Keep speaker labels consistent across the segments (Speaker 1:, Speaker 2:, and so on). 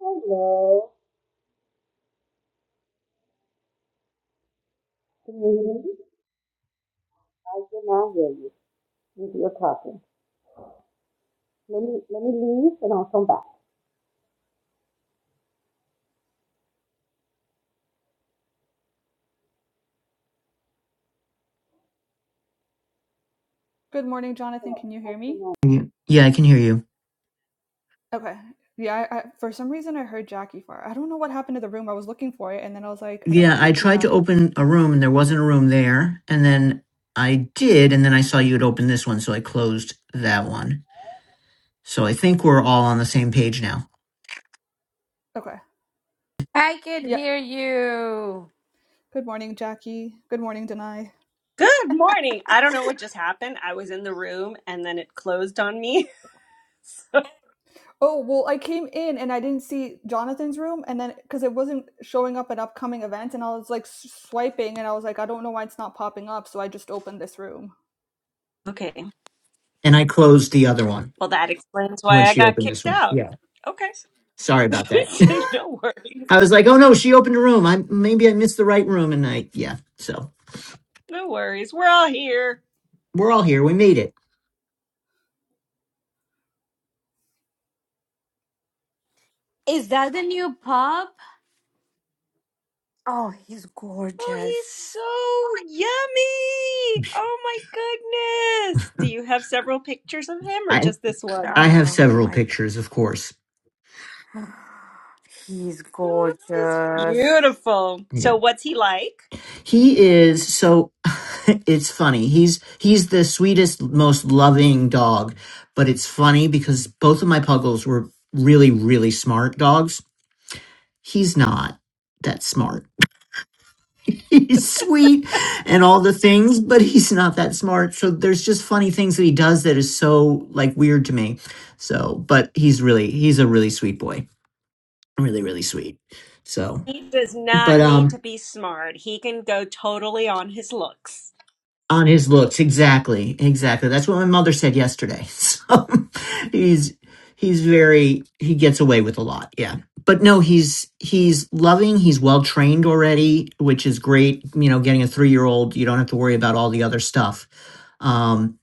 Speaker 1: Hello. Can you hear me? I cannot hear you. If You're talking. Let me let me leave and I'll come back.
Speaker 2: Good morning, Jonathan.
Speaker 1: Oh,
Speaker 2: Can you
Speaker 1: I
Speaker 2: hear me?
Speaker 1: cannot.
Speaker 3: You- Yeah, I can hear you.
Speaker 2: Okay. Yeah, I, I, for some reason I heard Jackie far. I don't know what happened to the room. I was looking for it and then I was like, I don't,
Speaker 3: Yeah, I tried
Speaker 2: yeah.
Speaker 3: to
Speaker 2: huh,
Speaker 3: open a room and there wasn't a room there. And then I did, and then I saw you had opened this one, so I closed that one. So I think we're all on the same page now.
Speaker 2: Okay.
Speaker 1: I can
Speaker 2: Yeah.
Speaker 1: hear you.
Speaker 2: Good morning, Jackie. Good morning, Denai.
Speaker 4: Good morning. I don't know what just happened. I was in the room and then it closed on me. So-
Speaker 2: Oh, well, I came in and I didn't see Jonathan's room and then because it wasn't showing up at upcoming events and I was like s- swiping and I was like, I don't know why it's not popping up. So I just opened this room.
Speaker 4: okay.
Speaker 3: And I closed the other one
Speaker 4: Well, that explains
Speaker 3: when
Speaker 4: why I
Speaker 3: she
Speaker 4: got
Speaker 3: opened this
Speaker 4: kicked
Speaker 3: one.
Speaker 4: out.
Speaker 3: Yeah.
Speaker 4: Okay.
Speaker 3: Sorry about that.
Speaker 4: no worries.
Speaker 3: I was like, oh no, she opened a room. I maybe I missed the right room and I yeah. So
Speaker 4: No worries. We're all here.
Speaker 3: we're all here. We made it.
Speaker 1: Is that the new pub? Oh, he's
Speaker 4: Oh,
Speaker 1: gorgeous.
Speaker 4: he's so yummy. Oh my goodness. Do you have several pictures of him or
Speaker 3: I
Speaker 4: just this one?
Speaker 3: I have
Speaker 1: Oh
Speaker 3: several
Speaker 1: my,
Speaker 3: pictures, of course.
Speaker 1: he's
Speaker 4: Oh, he's
Speaker 1: gorgeous.
Speaker 4: beautiful. So, what's he like?
Speaker 3: He is so it's funny. He's he's the sweetest, most loving dog, but it's funny because both of my puggles were really, really smart dogs. He's not that smart. He's sweet and all the things, but he's not that smart. So there's just funny things that he does that is so like weird to me. So, but he's really he's a really sweet boy. Really, really sweet. So,
Speaker 4: He does
Speaker 3: but
Speaker 4: not need
Speaker 3: um
Speaker 4: to be smart. He can go totally on his looks.
Speaker 3: on his looks exactly exactly that's what my mother said yesterday so he's he's very he gets away with a lot yeah but no he's he's loving he's well trained already which is great you know getting a three year old you don't have to worry about all the other stuff um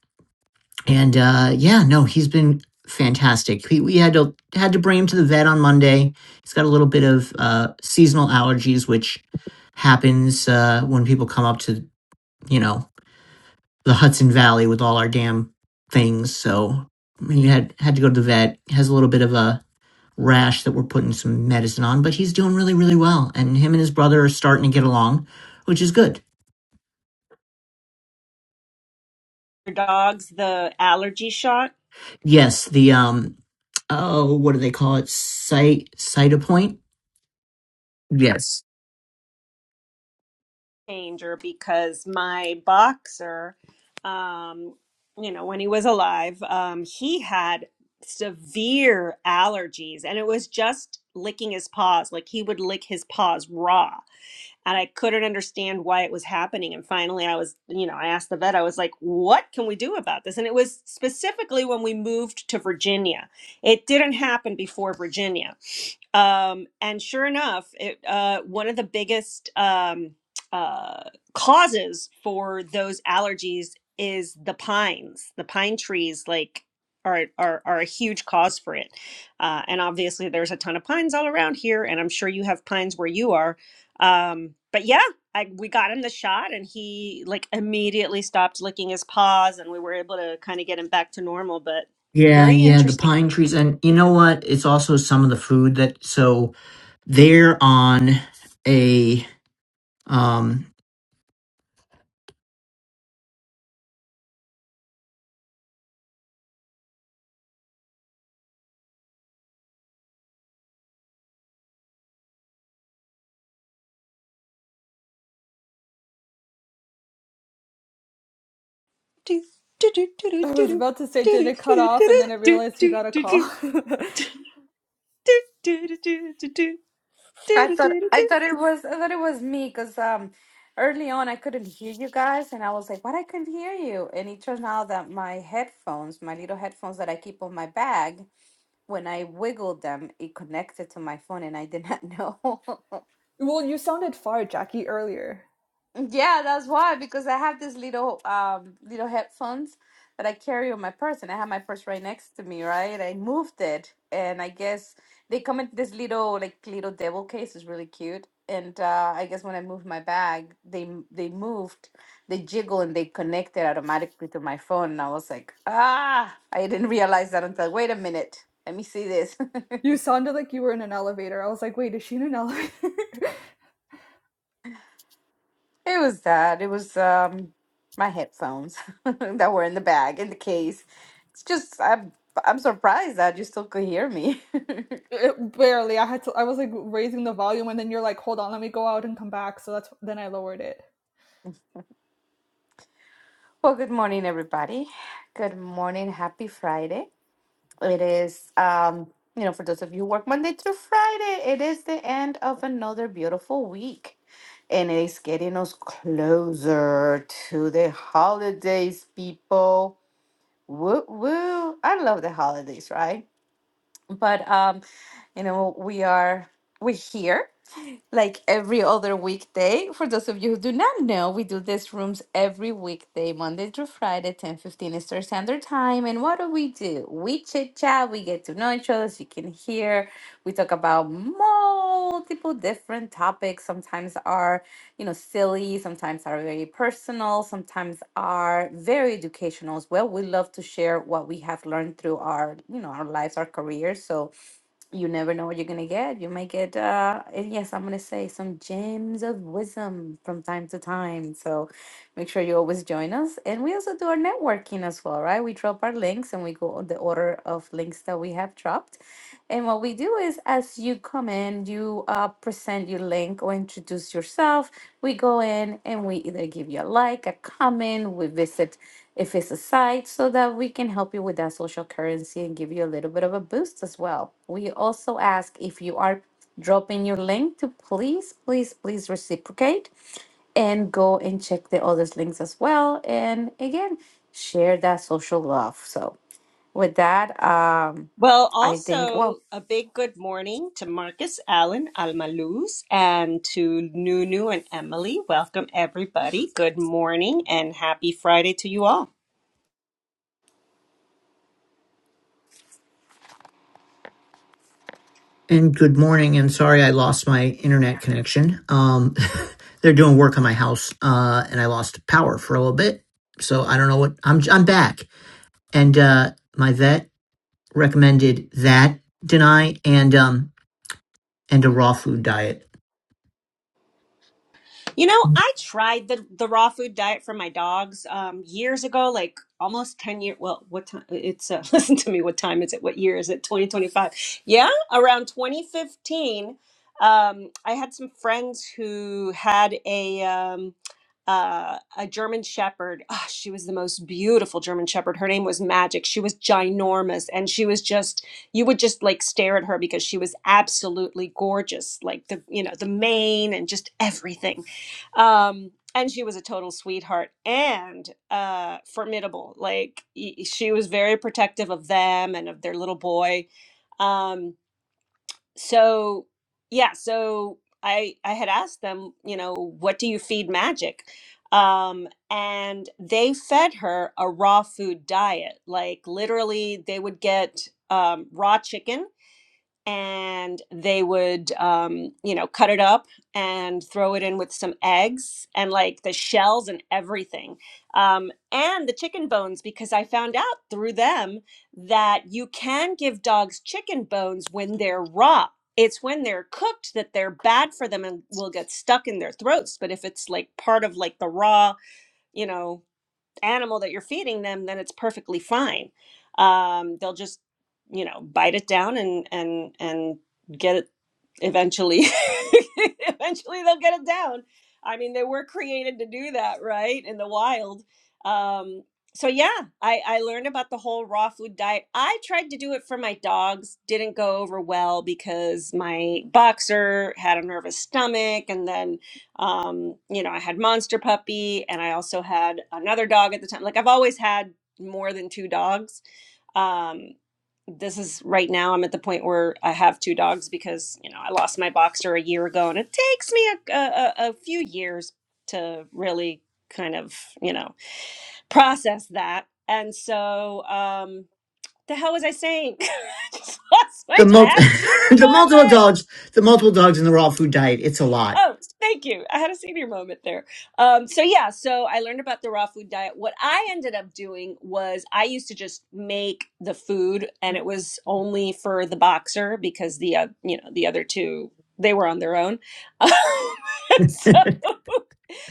Speaker 3: and uh yeah no he's been fantastic he, we had to had to bring him to the vet on monday he's got a little bit of uh seasonal allergies which happens uh when people come up to you know the Hudson Valley with all our damn things. So he had had to go to the vet. He Has a little bit of a rash that we're putting some medicine on, but he's doing really really well. And him and his brother are starting to get along, which is good.
Speaker 4: dogs the allergy shot
Speaker 3: Yes, the um oh what do they call it? Site cytopoint. Yes.
Speaker 4: changer because my boxer um you know when he was alive um he had severe allergies and it was just licking his paws like he would lick his paws raw and i couldn't understand why it was happening and finally i was you know i asked the vet i was like what can we do about this and it was specifically when we moved to virginia it didn't happen before virginia Um, and sure enough, it, uh, one of the biggest um, uh, causes for those allergies is the pines. The pine trees, like, are, are, are a huge cause for it. Uh, and obviously, there's a ton of pines all around here, and I'm sure you have pines where you are. Um, but yeah, I, we got him the shot, and he like immediately stopped licking his paws, and we were able to kind of get him back to normal. But
Speaker 3: Yeah,
Speaker 4: very
Speaker 3: yeah, the
Speaker 4: interesting.
Speaker 3: pine trees. And you know what? It's also some of the food that so they're on a um
Speaker 2: I was about to say, did it cut off? And then I realized he got a call.
Speaker 1: I thought I thought it was I thought it was me because um early on I couldn't hear you guys and I was like, what I couldn't hear you, and it turns out that my headphones, my little headphones that I keep on my bag. when I wiggled them, it connected to my phone, and I did not know.
Speaker 2: well, you sounded far, Jackie, earlier.
Speaker 1: yeah, that's why because I have this little um little headphones that I carry on my purse, and I have my purse right next to me. Right, I moved it, and I guess they come in this little like little devil case. is really cute. And uh, I guess when I moved my bag, they m- they moved, they jiggle and they connected automatically to my phone. And I was like, ah, I didn't realize that until wait a minute, let me see this.
Speaker 2: You sounded like you were in an elevator. I was like, wait, is she in an elevator?
Speaker 1: It was that. It was um my headphones that were in the bag in the case. It's just I'm I'm surprised that you still could hear me.
Speaker 2: It- barely. I had to. I was like raising the volume, and then you're like, hold on, let me go out and come back. So that's then I lowered it.
Speaker 1: Well, good morning, everybody. Good morning. Happy Friday. It is um you know, for those of you who work Monday through Friday, it is the end of another beautiful week. And it is getting us closer to the holidays, people. Woo woo. I love the holidays, right? but um you know we are we're here like every other weekday for those of you who do not know we do these rooms every weekday monday through friday 10 15 eastern standard time and what do we do we chit chat we get to know each other as you can hear we talk about multiple different topics sometimes are you know silly sometimes are very personal sometimes are very educational as well we love to share what we have learned through our you know our lives our careers so you never know what you're gonna get. You might get uh and yes, I'm gonna say some gems of wisdom from time to time. So make sure you always join us. And we also do our networking as well, right? We drop our links and we go on the order of links that we have dropped. And what we do is as you come in, you uh present your link or introduce yourself. We go in and we either give you a like, a comment, we visit if it's a site so that we can help you with that social currency and give you a little bit of a boost as well. We also ask if you are dropping your link to please, please, please reciprocate and go and check the others links as well. And again, share that social love. So with that, um,
Speaker 4: Well,
Speaker 1: I think well,
Speaker 4: also a big good morning to Marcus, Allen, Almaluz, and to Nunu and Emily. Welcome, everybody. Good morning and happy Friday to you all.
Speaker 3: And good morning, and sorry I lost my internet connection. Um, they're doing work on my house, uh, and I lost power for a little bit, so I don't know what. I'm I'm back, and uh, my vet recommended that deny and um and a raw food diet.
Speaker 4: You know, I tried the the raw food diet for my dogs um, years ago, like almost ten years. Well, what time? It's uh, listen to me. What time is it? What year is it? Twenty twenty five. Yeah, around twenty fifteen. Um, I had some friends who had a um, uh, a German Shepherd. Ah, she was the most beautiful German Shepherd. Her name was Magic. She was ginormous, and she was just you would just like stare at her because she was absolutely gorgeous, like the you know the mane and just everything um and she was a total sweetheart and uh formidable like y- she was very protective of them and of their little boy um so yeah so i i had asked them you know what do you feed magic um and they fed her a raw food diet like literally they would get um raw chicken and they would um, you know cut it up and throw it in with some eggs and like the shells and everything um, and the chicken bones because i found out through them that you can give dogs chicken bones when they're raw it's when they're cooked that they're bad for them and will get stuck in their throats but if it's like part of like the raw you know animal that you're feeding them, then it's perfectly fine. Um, they'll just, you know, bite it down and and and get it eventually. eventually, they'll get it down. I mean, they were created to do that, right? In the wild. Um, so yeah, I, I learned about the whole raw food diet. I tried to do it for my dogs, didn't go over well because my boxer had a nervous stomach, and then um you know i had monster puppy and i also had another dog at the time like i've always had more than two dogs um this is right now i'm at the point where i have two dogs because you know i lost my boxer a year ago and it takes me a, a, a a few years to really kind of you know process that and so um the hell was i saying I just lost my
Speaker 3: The
Speaker 4: i
Speaker 3: mul-
Speaker 4: had a
Speaker 3: the
Speaker 4: senior
Speaker 3: multiple
Speaker 4: moment
Speaker 3: dogs, the multiple dogs, and the raw food diet. It's a lot.
Speaker 4: Oh, thank you. I had a senior moment there. Um, so yeah, so I learned about the raw food diet. What I ended up doing was I used to just make the food, and it was only for the boxer because the uh, you know the other two they were on their own. so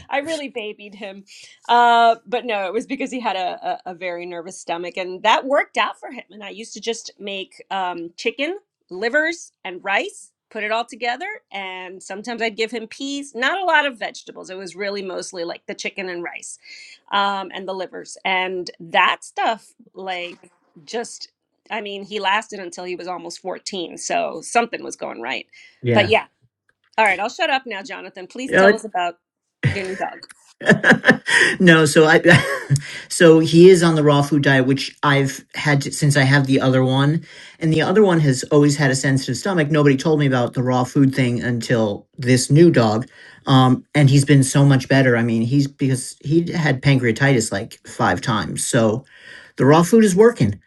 Speaker 4: I really babied him. Uh, but no, it was because he had a, a, a very nervous stomach, and that worked out for him. And I used to just make um, chicken, livers, and rice, put it all together. And sometimes I'd give him peas, not a lot of vegetables. It was really mostly like the chicken and rice um, and the livers. And that stuff, like, just, I mean, he lasted until he was almost 14. So something was going right. But
Speaker 3: Yeah.
Speaker 4: yeah. All right, I'll shut up now, Jonathan. Please tell us about your new dog.
Speaker 3: no, so I so he is on the raw food diet, which I've had to, since I have the other one, and the other one has always had a sensitive stomach. Nobody told me about the raw food thing until this new dog, um, and he's been so much better. I mean, he's because he had pancreatitis like five times, so the raw food is working.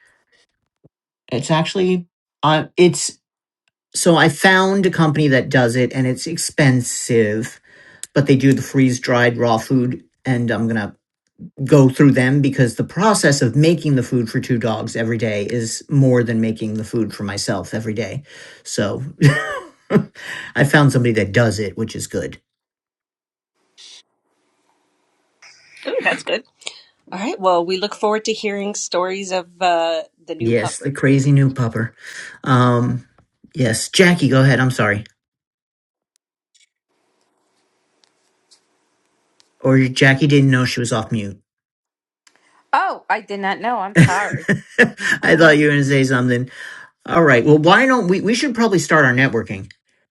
Speaker 3: It's actually, uh, it's so I found a company that does it, and it's expensive, but they do the freeze dried raw food, and I'm gonna go through them because the process of making the food for two dogs every day is more than making the food for myself every day. So I found somebody that does it, which is good.
Speaker 4: Ooh, that's good. All right. Well, we look forward to hearing stories of uh, the new
Speaker 3: Yes,
Speaker 4: pupper.
Speaker 3: the crazy new pupper. Um, yes, Jackie, go ahead. I'm sorry. Or Jackie didn't know she was off mute.
Speaker 1: oh, I did not know. I'm sorry.
Speaker 3: I thought you were going to say something. All right. Well, why don't we? We should probably start our networking.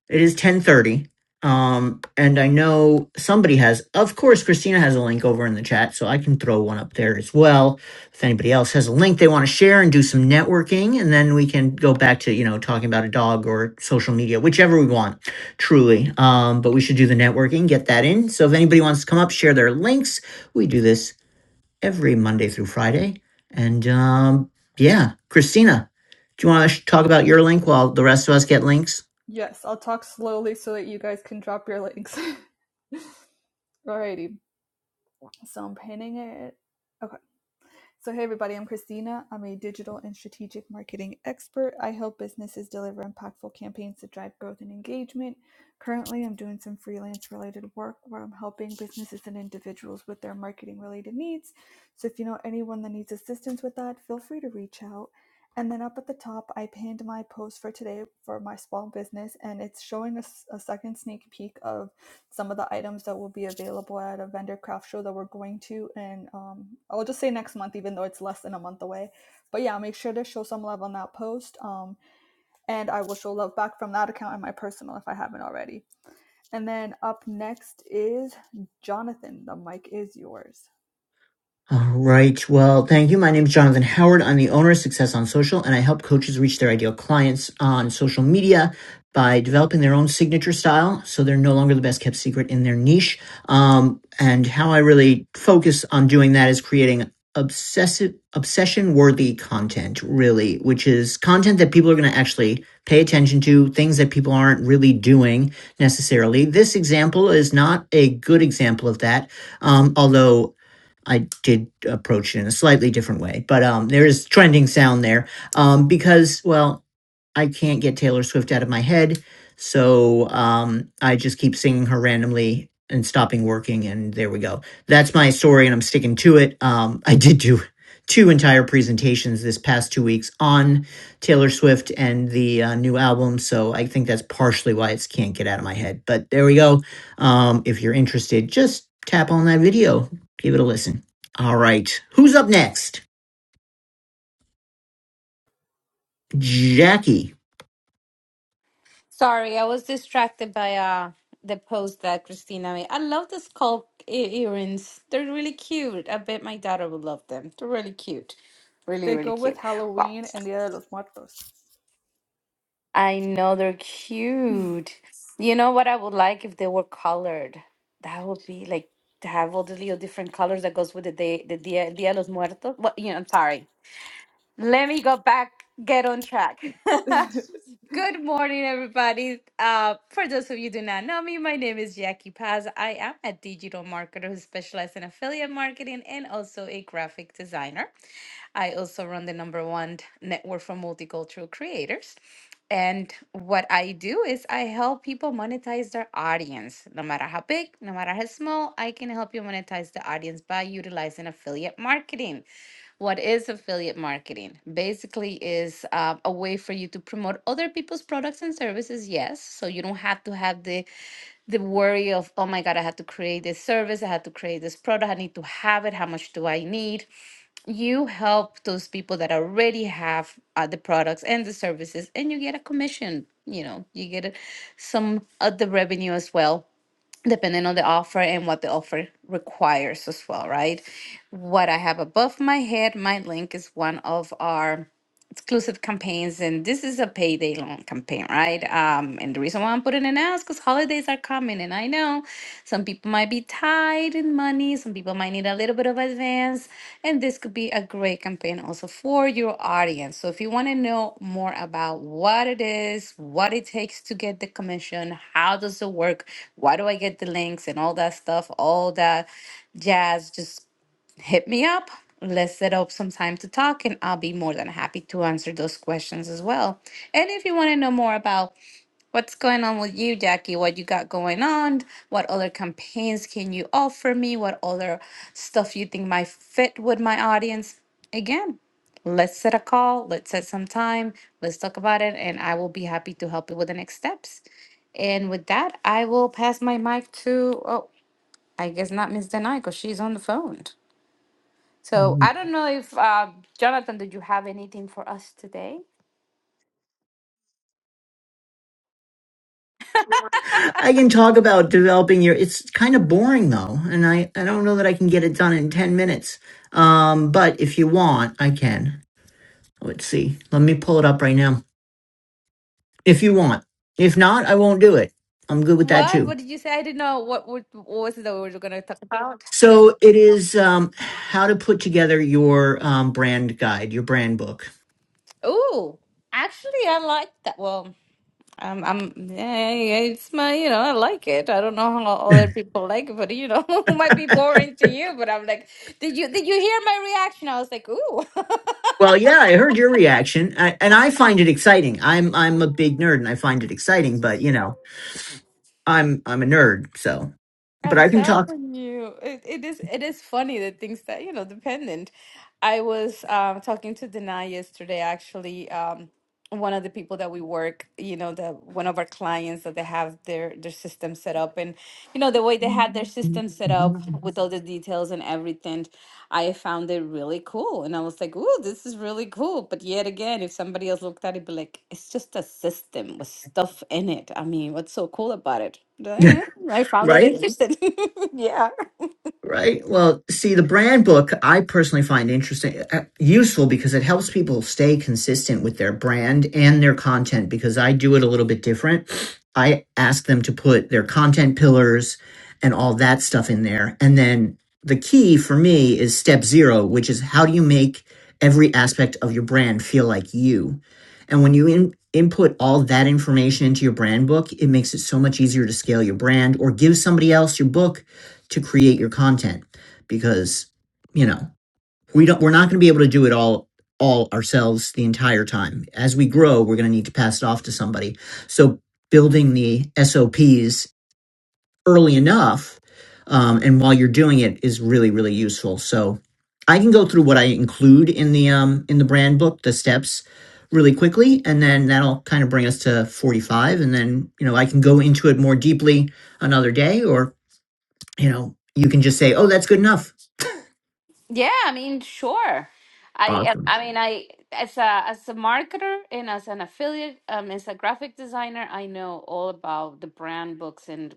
Speaker 3: It is ten thirty, um, and I know somebody has. Of course, Christina has a link over in the chat, so I can throw one up there as well. If anybody else has a link they want to share and do some networking, and then we can go back to you know talking about a dog or social media, whichever we want. Truly, um, but we should do the networking, get that in. So if anybody wants to come up, share their links. We do this every Monday through Friday. And um, yeah, Christina, do you want to talk about your link while the rest of us get links?
Speaker 2: Yes, I'll talk slowly so that you guys can drop your links. Alrighty. So I'm pinning it. Okay. So, hey everybody, I'm Christina. I'm a digital and strategic marketing expert. I help businesses deliver impactful campaigns to drive growth and engagement. Currently, I'm doing some freelance related work where I'm helping businesses and individuals with their marketing related needs. So, if you know anyone that needs assistance with that, feel free to reach out. And then up at the top, I pinned my post for today for my small business, and it's showing us a a second sneak peek of some of the items that will be available at a vendor craft show that we're going to and um, i'll just say next month even though it's less than a month away but yeah make sure to show some love on that post um, and i will show love back from that account and my personal if i haven't already and then up next is jonathan the mic is yours
Speaker 3: All right. Well, thank you. My name is Jonathan Howard. I'm the owner of Success on Social, and I help coaches reach their ideal clients on social media by developing their own signature style so they're no longer the best kept secret in their niche. Um, and how I really focus on doing that is creating obsessive, obsession worthy content, really, which is content that people are going to actually pay attention to, things that people aren't really doing necessarily. This example is not a good example of that. Um, although I did approach it in a slightly different way, but um, there is trending sound there um, because, well, I can't get Taylor Swift out of my head. So um, I just keep singing her randomly and stopping working. And there we go. That's my story, and I'm sticking to it. Um, I did do two entire presentations this past two weeks on Taylor Swift and the uh, new album. So I think that's partially why it's can't get out of my head. But there we go. Um, if you're interested, just tap on that video, give it a listen. All right. Who's up next? Jackie.
Speaker 1: Sorry, I was distracted by uh the post that Christina made. I love the skull e- earrings. They're really cute. I bet my daughter would love them. They're really cute. Really,
Speaker 2: they
Speaker 1: really
Speaker 2: go with
Speaker 1: cute. Wow.
Speaker 2: halloween and dia de los muertos
Speaker 1: I know they're cute. You know what I would like if they were colored? That would be like to have all the little different colors that goes with the day, the Dia, Dia de los Muertos. What, you know, I'm sorry. Let me go back, get on track. Good morning, everybody. Uh, for those of you who do not know me, my name is Jackie Paz. I am a digital marketer who specializes in affiliate marketing and also a graphic designer. I also run the number one network for multicultural creators. And what I do is I help people monetize their audience. No matter how big, no matter how small, I can help you monetize the audience by utilizing affiliate marketing. What is affiliate marketing? Basically, is uh, a way for you to promote other people's products and services. Yes, so you don't have to have the the worry of oh my god, I have to create this service, I have to create this product, I need to have it. How much do I need? You help those people that already have uh, the products and the services, and you get a commission. You know, you get a- some of the revenue as well depending on the offer and what the offer requires as well, right? What I have above my head, my link is one of our exclusive campaigns, and this is a payday loan campaign, right? Um, and the reason why I'm putting it now is because holidays are coming, and I know some people might be tied in money, some people might need a little bit of advance, and this could be a great campaign also for your audience. So if you want to know more about what it is, what it takes to get the commission, how does it work, why do I get the links, and all that stuff, all that jazz, just hit me up. Let's set up some time to talk, and I'll be more than happy to answer those questions as well. And if you want to know more about what's going on with you, Jackie, what you got going on, what other campaigns can you offer me, what other stuff you think might fit with my audience, again, let's set a call, let's set some time, let's talk about it, and I will be happy to help you with the next steps. And with that, I will pass my mic to, oh, I guess not Miss Denai because she's on the phone. So I don't know if uh, Jonathan, did you have anything for us today?
Speaker 3: I can talk about developing your. It's kind of boring though, and I I don't know that I can get it done in ten minutes. Um, but if you want, I can. Let's see. Let me pull it up right now. If you want. If not, I won't do it. I'm good with that
Speaker 1: What?
Speaker 3: too.
Speaker 1: What did you say? I didn't know what what, what was it that we were going to talk about.
Speaker 3: So it is um, how to put together your um, brand guide, your brand book.
Speaker 1: Ooh, actually, I like that. Well, um, I'm yeah, yeah, it's my you know I like it. I don't know how other people like it, but you know it might be boring to you. But I'm like, did you did you hear my reaction? I was like, ooh.
Speaker 3: Well, yeah, I heard your reaction, I, and I find it exciting. I'm I'm a big nerd, and I find it exciting. But you know, I'm I'm a nerd, so. But
Speaker 1: I'm
Speaker 3: I can talk
Speaker 1: telling you, it, it is it is funny the things that you know dependent. I was um, talking to Dana yesterday. Actually, um, one of the people that we work, you know, the one of our clients that they have their their system set up, and you know the way they had their system set up with all the details and everything. I found it really cool. And I was like, ooh, this is really cool. But yet again, if somebody else looked at it, be like, it's just a system with stuff in it. I mean, what's so cool about it? Eh, I found
Speaker 3: right?
Speaker 1: that interesting. yeah.
Speaker 3: Right. Well, see, the brand book I personally find interesting, uh, useful because it helps people stay consistent with their brand and their content because I do it a little bit different. I ask them to put their content pillars and all that stuff in there. And then the key for me is step zero, which is how do you make every aspect of your brand feel like you? And when you in, input all that information into your brand book, it makes it so much easier to scale your brand or give somebody else your book to create your content because you know we don't we're not going to be able to do it all all ourselves the entire time as we grow we're going to need to pass it off to somebody so building the sops early enough um, and while you're doing it is really really useful so i can go through what i include in the um, in the brand book the steps really quickly and then that'll kind of bring us to 45 and then you know i can go into it more deeply another day or you know, you can just say, "Oh, that's good enough."
Speaker 1: Yeah, I mean, sure. I
Speaker 3: Awesome.
Speaker 1: I mean, I as a as a marketer and as an affiliate, um, as a graphic designer, I know all about the brand books and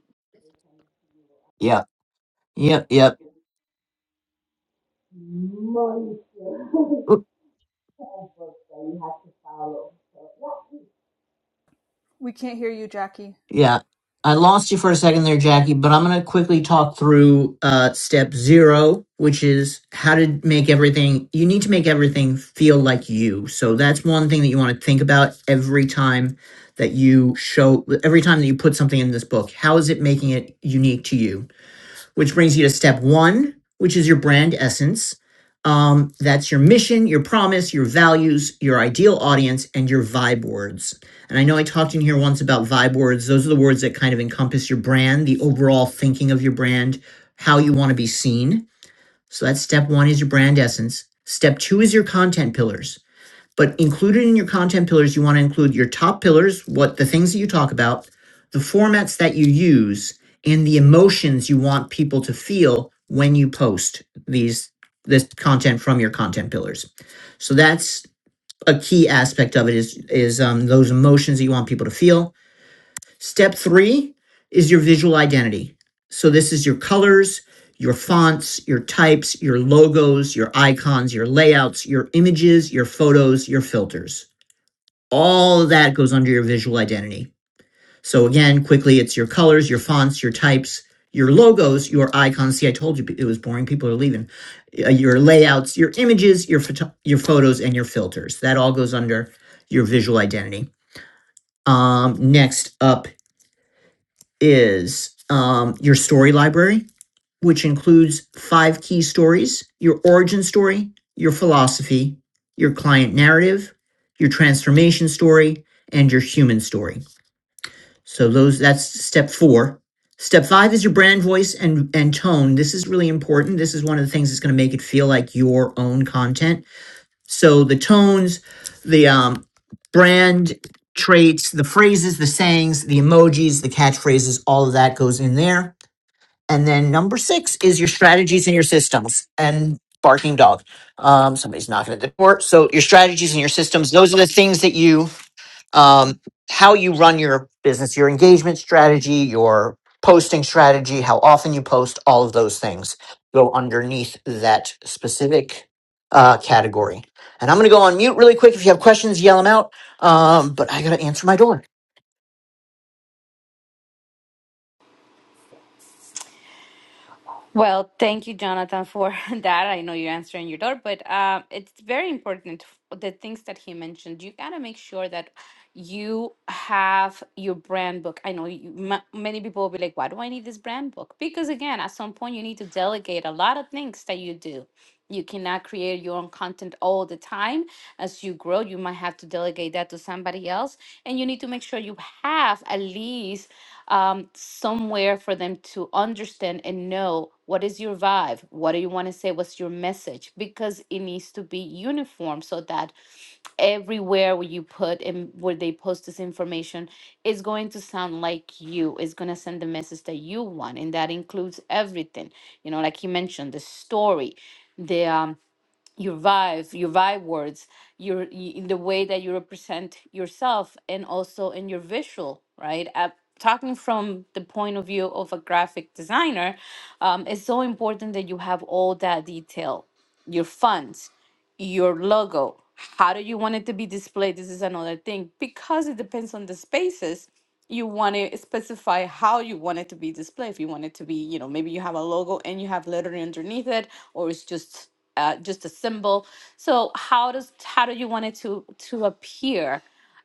Speaker 3: Yep. Yep. Yep. Oop,
Speaker 2: we can't hear you jackie
Speaker 3: yeah. I lost you for a second there, Jackie, but I'm going to quickly talk through uh, step zero, which is how to make everything. You need to make everything feel like you. So that's one thing that you want to think about every time that you show, every time that you put something in this book. How is it making it unique to you? which brings you to step one, which is your brand essence. Um, that's your mission, your promise, your values, your ideal audience, and your vibe words. And I know I talked in here once about vibe words. Those are the words that kind of encompass your brand, the overall thinking of your brand, how you want to be seen. So that's step one is your brand essence. Step two is your content pillars. But included in your content pillars, you want to include your top pillars, what the things that you talk about, the formats that you use, and the emotions you want people to feel when you post these this content from your content pillars. So that's a key aspect of it is is um, those emotions that you want people to feel. Step three is your visual identity. So this is your colors, your fonts, your types, your logos, your icons, your layouts, your images, your photos, your filters all of that goes under your visual identity. So again, quickly, it's your colors, your fonts, your types, your logos, your icons. See, I told you it was boring. People are leaving. Uh, Your layouts, your images, your photo- your photos, and your filters. That all goes under your visual identity. Um, next up is um, your story library, which includes five key stories: your origin story, your philosophy, your client narrative, your transformation story, and your human story. So those that's step four. Step five is your brand voice and and tone. This is really important. This is one of the things that's going to make it feel like your own content. So the tones, the um, brand traits, the phrases, the sayings, the emojis, the catchphrases, all of that goes in there. And then number six is your strategies and your systems. And barking dog, um, somebody's knocking at the door. So your strategies and your systems. Those are the things that you um, how you run your business, your engagement strategy, your posting strategy, how often you post, all of those things go underneath that specific uh, category. And I'm going to go on mute really quick. If you have questions, yell them out. Um, but I got to answer my door.
Speaker 1: Well, thank you, Jonathan, for that. I know you're answering your door, but uh, it's very important f- the things that he mentioned. You gotta make sure that you have your brand book. I know you, ma many people will be like, "Why do I need this brand book?" Because again, at some point, you need to delegate a lot of things that you do. You cannot create your own content all the time. As you grow, you might have to delegate that to somebody else, and you need to make sure you have at least um, somewhere for them to understand and know what is your vibe, what do you want to say, what's your message, because it needs to be uniform so that everywhere where you put and where they post this information is going to sound like you, is going to send the message that you want, and that includes everything. You know, like you mentioned, the story, the um, your vibe, your vibe words, your y- in the way that you represent yourself, and also in your visual, right? Uh, talking from the point of view of a graphic designer, um, it's so important that you have all that detail, your fonts, your logo. How do you want it to be displayed? This is another thing because it depends on the spaces you want to specify how you want it to be displayed. If you want it to be, you know, maybe you have a logo and you have lettering underneath it, or it's just uh, just a symbol. So how does how do you want it to to appear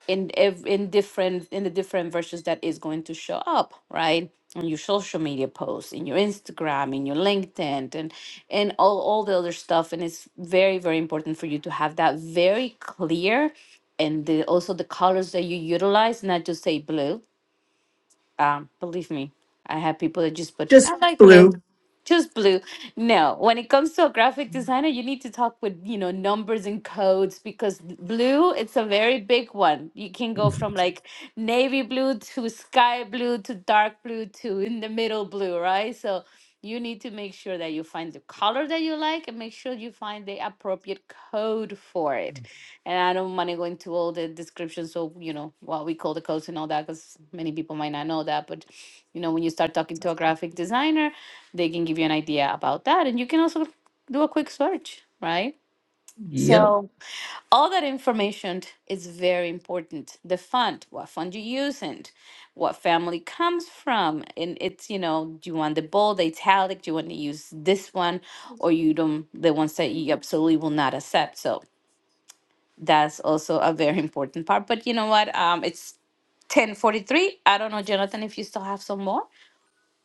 Speaker 1: in ev- in different in the different versions that is going to show up, right? On your social media posts, in your Instagram, in your LinkedIn, and and all all the other stuff. And it's very very important for you to have that very clear and the, also the colors that you utilize, not just say blue um, believe me, I have people that just put,
Speaker 3: Just
Speaker 1: I like blue,
Speaker 3: blue.
Speaker 1: just blue. No, when it comes to a graphic designer, you need to talk with, you know, numbers and codes because blue, it's a very big one. You can go from like navy blue to sky blue to dark blue to in the middle blue, right? So you need to make sure that you find the color that you like and make sure you find the appropriate code for it. And I don't want to go into all the descriptions of, you know, what we call the codes and all that, because many people might not know that. But, you know, when you start talking to a graphic designer, they can give you an idea about that. And you can also do a quick search, right?
Speaker 3: Yep.
Speaker 1: So all that information is very important. The font, what font you using, what family comes from. And it's, you know, do you want the bold, the italic, do you want to use this one, or you don't, the ones that you absolutely will not accept. So that's also a very important part. But you know what? Um, it's ten forty three. I don't know, Jonathan, if you still have some more.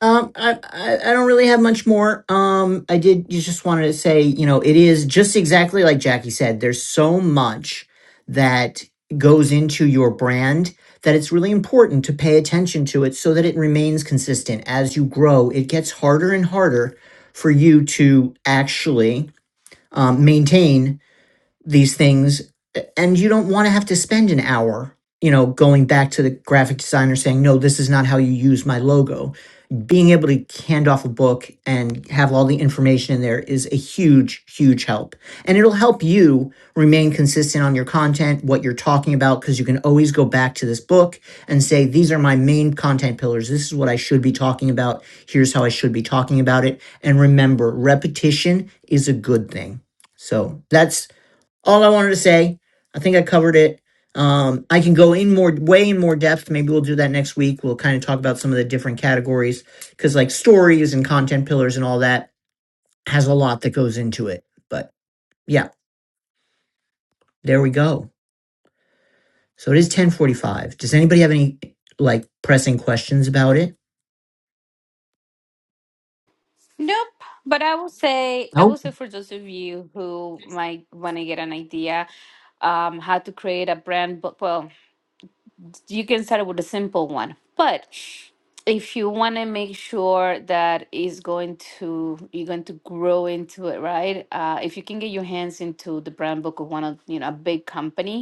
Speaker 3: Um, I, I I don't really have much more. Um, I did you just wanted to say, you know, it is just exactly like Jackie said. There's so much that goes into your brand that it's really important to pay attention to it so that it remains consistent as you grow. It gets harder and harder for you to actually um, maintain these things and you don't want to have to spend an hour you know going back to the graphic designer saying no this is not how you use my logo being able to hand off a book and have all the information in there is a huge huge help and it'll help you remain consistent on your content what you're talking about because you can always go back to this book and say these are my main content pillars this is what i should be talking about here's how i should be talking about it and remember repetition is a good thing so that's all I wanted to say. I think I covered it. Um, I can go in more, way in more depth. Maybe we'll do that next week. We'll kind of talk about some of the different categories because, like, stories and content pillars and all that has a lot that goes into it. But yeah, there we go. So it is ten forty-five. Does anybody have any like pressing questions about it?
Speaker 1: Nope. But I will say, I will
Speaker 3: Nope.
Speaker 1: say for those of you who might want to get an idea, um, how to create a brand. book. well, you can start with a simple one. But if you want to make sure that is going to you're going to grow into it, right? Uh, if you can get your hands into the brand book of one of you know a big company,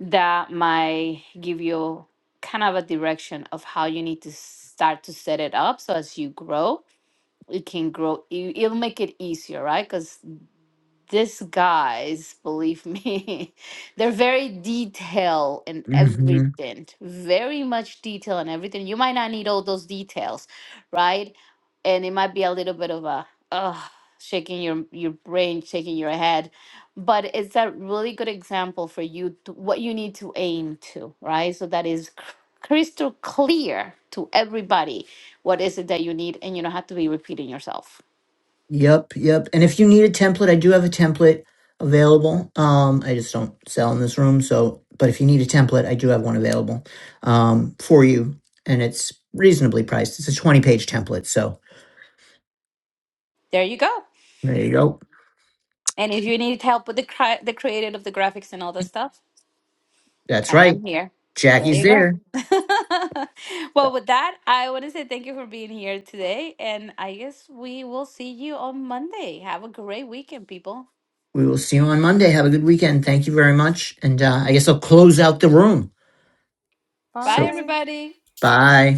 Speaker 1: that might give you kind of a direction of how you need to start to set it up so as you grow it can grow it- it'll make it easier right because these guys, believe me, they're very detail in
Speaker 3: hmm
Speaker 1: everything, very much detail in everything. You might not need all those details, right? And it might be a little bit of a uh, shaking your your brain, shaking your head, but it's a really good example for you to, what you need to aim to, right? So that is cr- crystal clear to everybody what is it that you need, and you don't have to be repeating yourself.
Speaker 3: Yep, yep. And if you need a template, I do have a template available. Um, I just don't sell in this room, so but if you need a template, I do have one available um for you, and it's reasonably priced. It's a 20-page template, so
Speaker 1: There you go.
Speaker 3: there you go.
Speaker 1: And if you need help with the cri- the creative of the graphics and all that stuff,
Speaker 3: That's
Speaker 1: I
Speaker 3: right.
Speaker 1: am here. There
Speaker 3: Jackie's
Speaker 1: you go.
Speaker 3: there.
Speaker 1: well, with that, I want to say thank you for being here today, and I guess we will see you on Monday. Have a great weekend, people.
Speaker 3: We will see you on Monday. Have a good weekend. Thank you very much. And uh, I guess I'll close out the room.
Speaker 1: Bye,
Speaker 3: So
Speaker 2: bye
Speaker 1: everybody.
Speaker 3: bye.